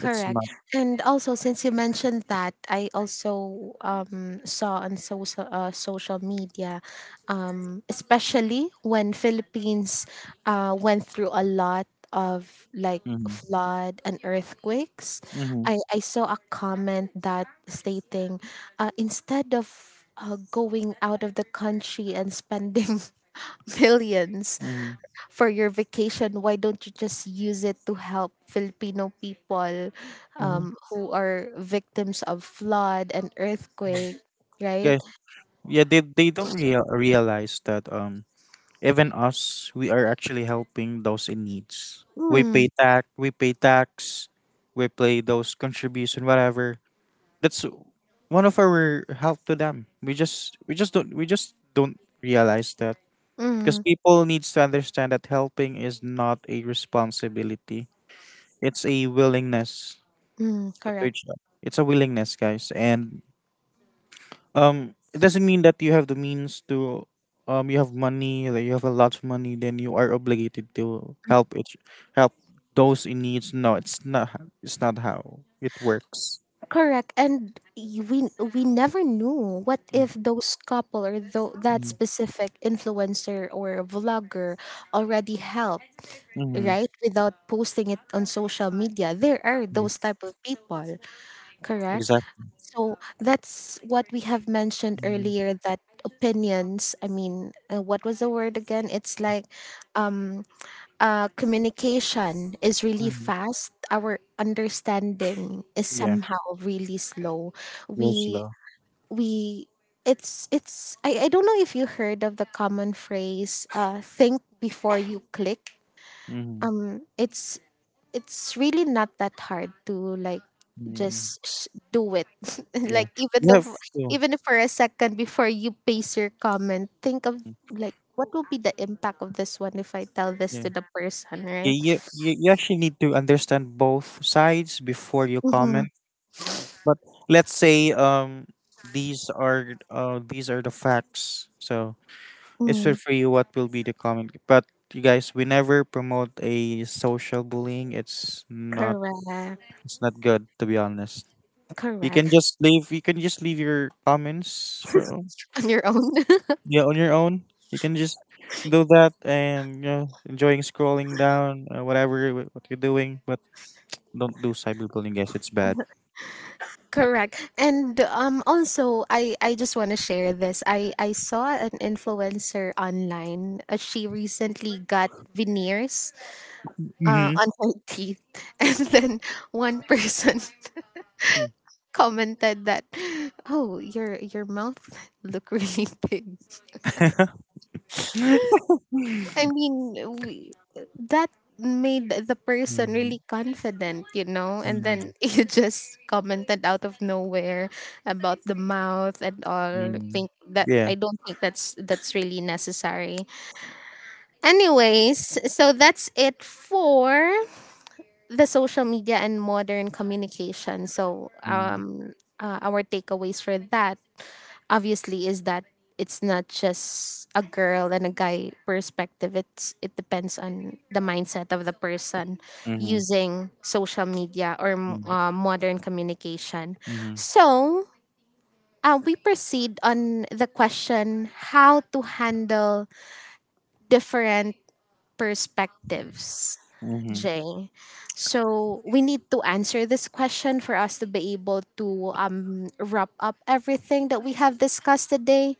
S2: It's not.
S1: And also, since you mentioned that, I also saw on social, social media, especially when Philippines went through a lot of like
S2: Mm-hmm.
S1: flood and earthquakes,
S2: Mm-hmm.
S1: I saw a comment that stating, instead of going out of the country and spending <laughs> millions
S2: Mm-hmm.
S1: for your vacation, why don't you just use it to help Filipino people,
S2: Hmm.
S1: who are victims of flood and earthquake, right?
S2: Guys, yeah, they don't realize that even us, we are actually helping those in needs. We
S1: Mm,
S2: pay tax, we pay tax, we pay those contribution whatever. That's one of our help to them. We just don't realize that, because
S1: mm,
S2: people needs to understand that helping is not a responsibility. It's a willingness
S1: mm,
S2: to
S1: correct.
S2: reach out. It's a willingness, guys, and it doesn't mean that you have the means to, you have money, like you have a lot of money, then you are obligated to help it, help those in needs. No, it's not how it works.
S1: Correct. And we never knew what if those couple or that
S2: Mm-hmm.
S1: specific influencer or vlogger already helped,
S2: Mm-hmm.
S1: right? Without posting it on social media. There are those type of people. Correct.
S2: Exactly.
S1: So that's what we have mentioned
S2: Mm-hmm.
S1: earlier that opinions, I mean, what was the word again? It's like um, communication is really fast. Our understanding is
S2: Yeah,
S1: somehow really slow.
S2: you're
S1: We,
S2: slow.
S1: we, it's, I don't know if you heard of the common phrase, think before you click.
S2: Mm-hmm.
S1: It's it's really not that hard to like
S2: Mm-hmm.
S1: just do it <laughs>
S2: Yeah,
S1: like even
S2: you
S1: though,
S2: have to.
S1: even if for a second before you pace your comment, think of like what will be the impact of this one if I tell this
S2: Yeah,
S1: to the person,
S2: you,
S1: right?
S2: you, you you actually need to understand both sides before you comment.
S1: Mm-hmm.
S2: But let's say, these are, these are the facts, so it's fair
S1: Mm,
S2: for you what will be the comment, but you guys, we never promote a social bullying. It's not,
S1: correct.
S2: it's not good, to be honest. you can
S1: Correct.
S2: just leave you can just leave your comments for,
S1: <laughs> On your own. <laughs>
S2: yeah, on your own. You can just do that and, you know, enjoying scrolling down, whatever what you're doing, but don't do cyberbullying, guys. It's bad.
S1: Correct. And also, I just want to share this. I saw an influencer online. Uh, she recently got veneers
S2: <laughs>
S1: on her teeth. <laughs> And then one person <laughs> commented that, "Oh, your mouth <laughs> look really big."
S2: Mm-hmm.
S1: I mean, we, that made the person really confident, you know. And then
S2: <laughs>
S1: <laughs> you just commented out of nowhere about the mouth and all. I
S2: Mm.
S1: think that
S2: Yeah.
S1: I don't think that's really necessary. Anyways, so that's it for the social media and modern communication. So,
S2: Mm.
S1: our takeaways for that obviously is that it's not just a girl and a guy perspective. It's it depends on the mindset of the person
S2: Mhm.
S1: using social media or
S2: Mm.
S1: modern communication.
S2: Mhm.
S1: So. We proceed on the question how to handle different perspectives.
S2: Mhm.
S1: Jay. So we need to answer this question for us to be able to wrap up everything that we have discussed today.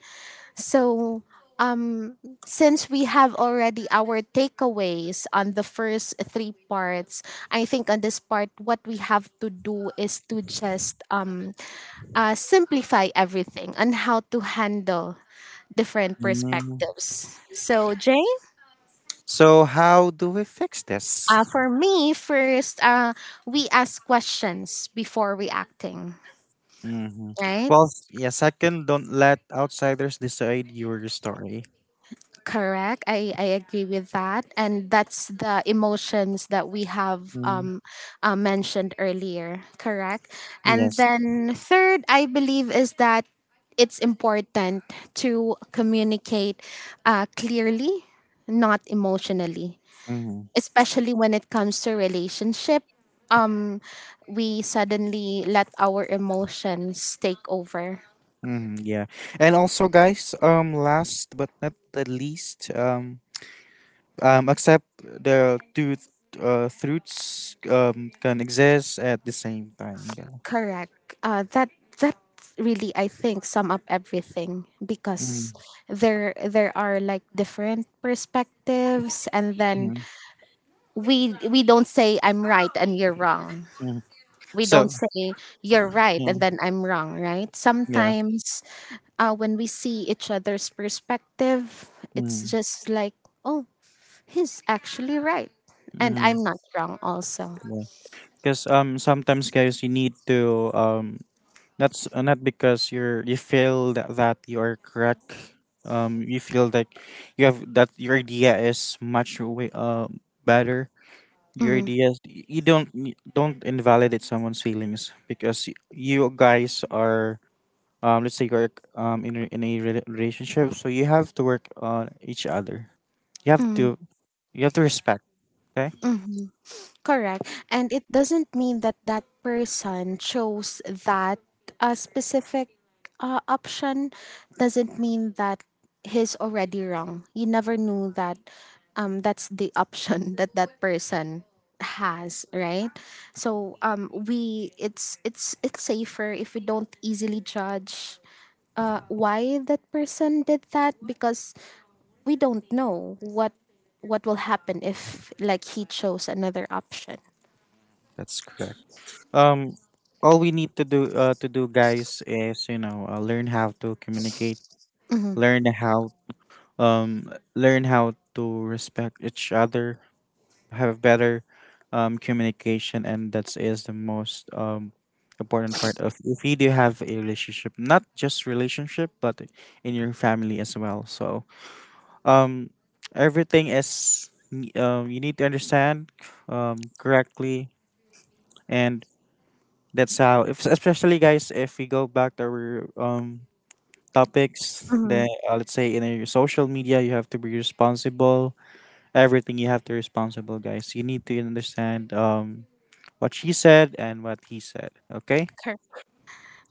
S1: So um, since we have already our takeaways on the first three parts, I think on this part, what we have to do is to just simplify everything on how to handle different
S2: Mm.
S1: perspectives. So, Jay?
S2: So how do we fix this?
S1: For me, first, we ask questions before reacting,
S2: Hmm.
S1: right?
S2: Well, yeah. Second, don't let outsiders decide your story.
S1: Correct. I agree with that. And that's the emotions that we have
S2: Mm.
S1: mentioned earlier. Correct. And
S2: Yes.
S1: then, third, I believe is that it's important to communicate clearly, not emotionally,
S2: Hmm.
S1: especially when it comes to relationship. um we suddenly let our emotions take over.
S2: Hmm. Yeah. And also, guys. Last but not the least. Accept the two truths can exist at the same time. Yeah.
S1: Correct. Uh, that that really I think sum up everything,
S2: Mm-hmm.
S1: because there are like different perspectives, and then we don't say I'm right and you're wrong, we don't
S2: So.
S1: say you're right and
S2: Mm.
S1: then I'm wrong, right?
S2: Yeah.
S1: Sometimes when we see each other's perspective, it's just like, oh, he's actually right. And
S2: Mm-hmm.
S1: I'm not wrong, also.
S2: Yeah. Because sometimes, guys, you need to, that's not because you feel that you're correct. You feel like you have that your idea is much way better. Your
S1: Mm-hmm.
S2: idea is- y- You don't you don't invalidate someone's feelings because you guys are, let's say you're, in a, relationship, so you have to work on each other. You have
S1: Mm-hmm.
S2: to, you have to respect, okay?
S1: Mm-hmm. Correct. And it doesn't mean that that person chose that, specific, option, doesn't mean that he's already wrong. You never knew that, that's the <laughs> option that that person has, right? So we it's safer if we don't easily judge why that person did that, because we don't know what will happen if like he chose another option.
S2: That's correct. um all we need to do to do, guys, is, you know, learn how to communicate,
S1: Mm-hmm.
S2: learn how, learn how to respect each other, have better communication, and that is the most important part of, if you do have a relationship, not just relationship, but in your family as well. So, um everything is you need to understand correctly. And that's how, if, especially, guys, if we go back to our topics, then
S1: Mm-hmm.
S2: let's say in your social media, you have to be responsible. Everything you have to responsible, guys. You need to understand, what she said and what he said. Okay.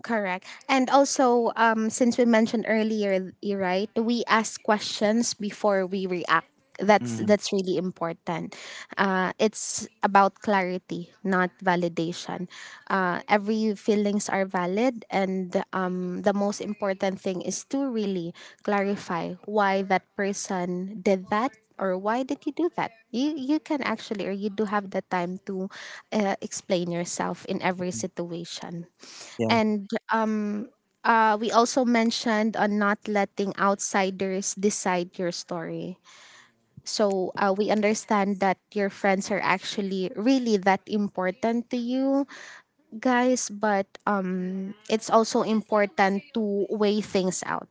S1: Correct. And also, since we mentioned earlier, right, we ask questions before we react.
S2: Mm-hmm.
S1: That's really important. It's about clarity, not validation. Every feelings are valid, and the most important thing is to really clarify why that person did that, or why did you do that. You can actually, or you do have the time to explain yourself in every situation.
S2: Yeah.
S1: And we also mentioned on not letting outsiders decide your story. So we understand that your friends are actually really that important to you guys, but it's also important to weigh things out.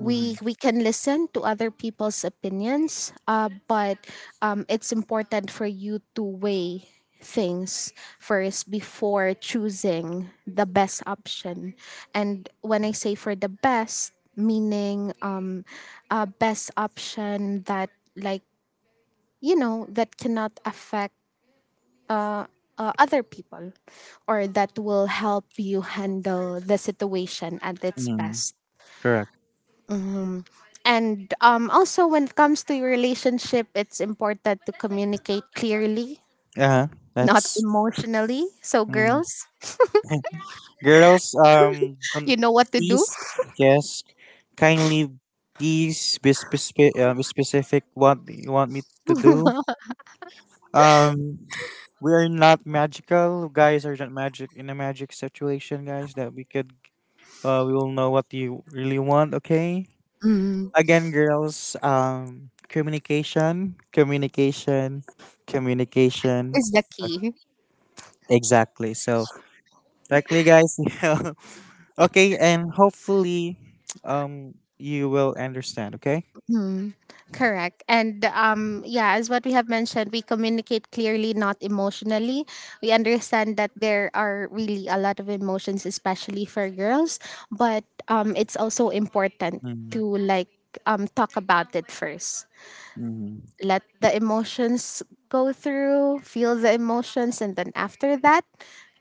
S2: Mm-hmm.
S1: we can listen to other people's opinions, but it's important for you to weigh things first before choosing the best option. And when I say for the best, meaning a best option that like, you know, that cannot affect uh, other people, or that will help you handle the situation at its
S2: Mm-hmm.
S1: best.
S2: Correct.
S1: And also, when it comes to your relationship, it's important to communicate clearly,
S2: Uh huh.
S1: not
S2: That's
S1: emotionally. So,
S2: mm.
S1: girls,
S2: <laughs> Girls. Don't,
S1: you know what to do.
S2: please, yes, kindly, please be specific. Specific what you want me to do.
S1: <laughs>
S2: Um, we're not magical. Guys are not magic in a magic situation, guys, that we could, we will know what you really want, okay?
S1: Mm,
S2: Again, girls, communication, communication, communication.
S1: is the key.
S2: Exactly. So, exactly, guys. <laughs> Yeah. Okay, and hopefully you will understand, okay?
S1: Mm, correct. And yeah, as what we have mentioned, we communicate clearly, not emotionally. We understand that there are really a lot of emotions, especially for girls, but it's also important to
S2: Mm-hmm.
S1: like talk about it first.
S2: Mm-hmm.
S1: Let the emotions go through, feel the emotions, and then after that,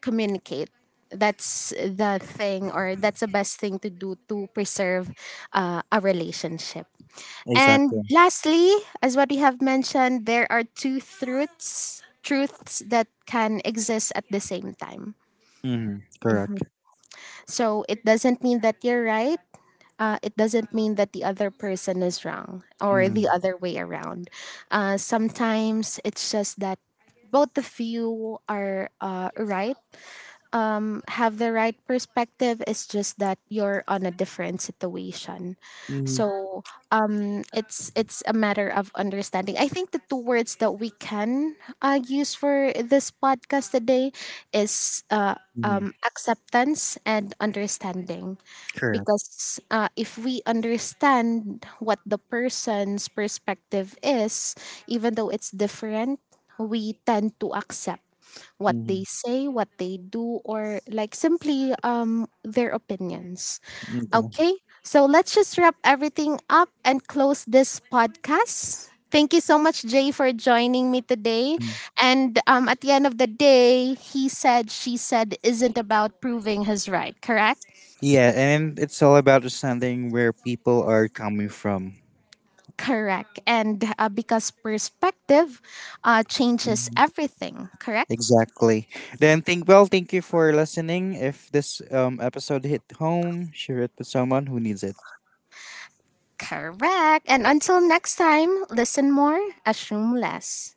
S1: communicate. That's the thing, or that's the best thing to do to preserve a relationship.
S2: Exactly.
S1: And lastly, as what we have mentioned, there are two truths that can exist at the same time.
S2: Mm-hmm. Correct.
S1: So it doesn't mean that you're right, it doesn't mean that the other person is wrong, or
S2: Mm-hmm.
S1: the other way around. Sometimes it's just that both of you are right, have the right perspective. It's just that you're on a different situation.
S2: Mm-hmm.
S1: So it's a matter of understanding. I think the two words that we can use for this podcast today is acceptance and understanding,
S2: Correct.
S1: because if we understand what the person's perspective is, even though it's different, we tend to accept what they
S2: Mm-hmm.
S1: say, what they do, or like simply their opinions.
S2: Okay.
S1: Okay, so let's just wrap everything up and close this podcast. Thank you so much, Jay, for joining me today.
S2: Mm.
S1: And at the end of the day, he said, she said, isn't about proving his right, correct?
S2: Yeah, and it's all about understanding where people are coming from.
S1: Correct. And because perspective changes
S2: Mhm.
S1: everything, correct?
S2: Exactly. Then think well, thank you for listening. If this episode hit home, share it with someone who needs it.
S1: Correct. And until next time, listen more, assume less.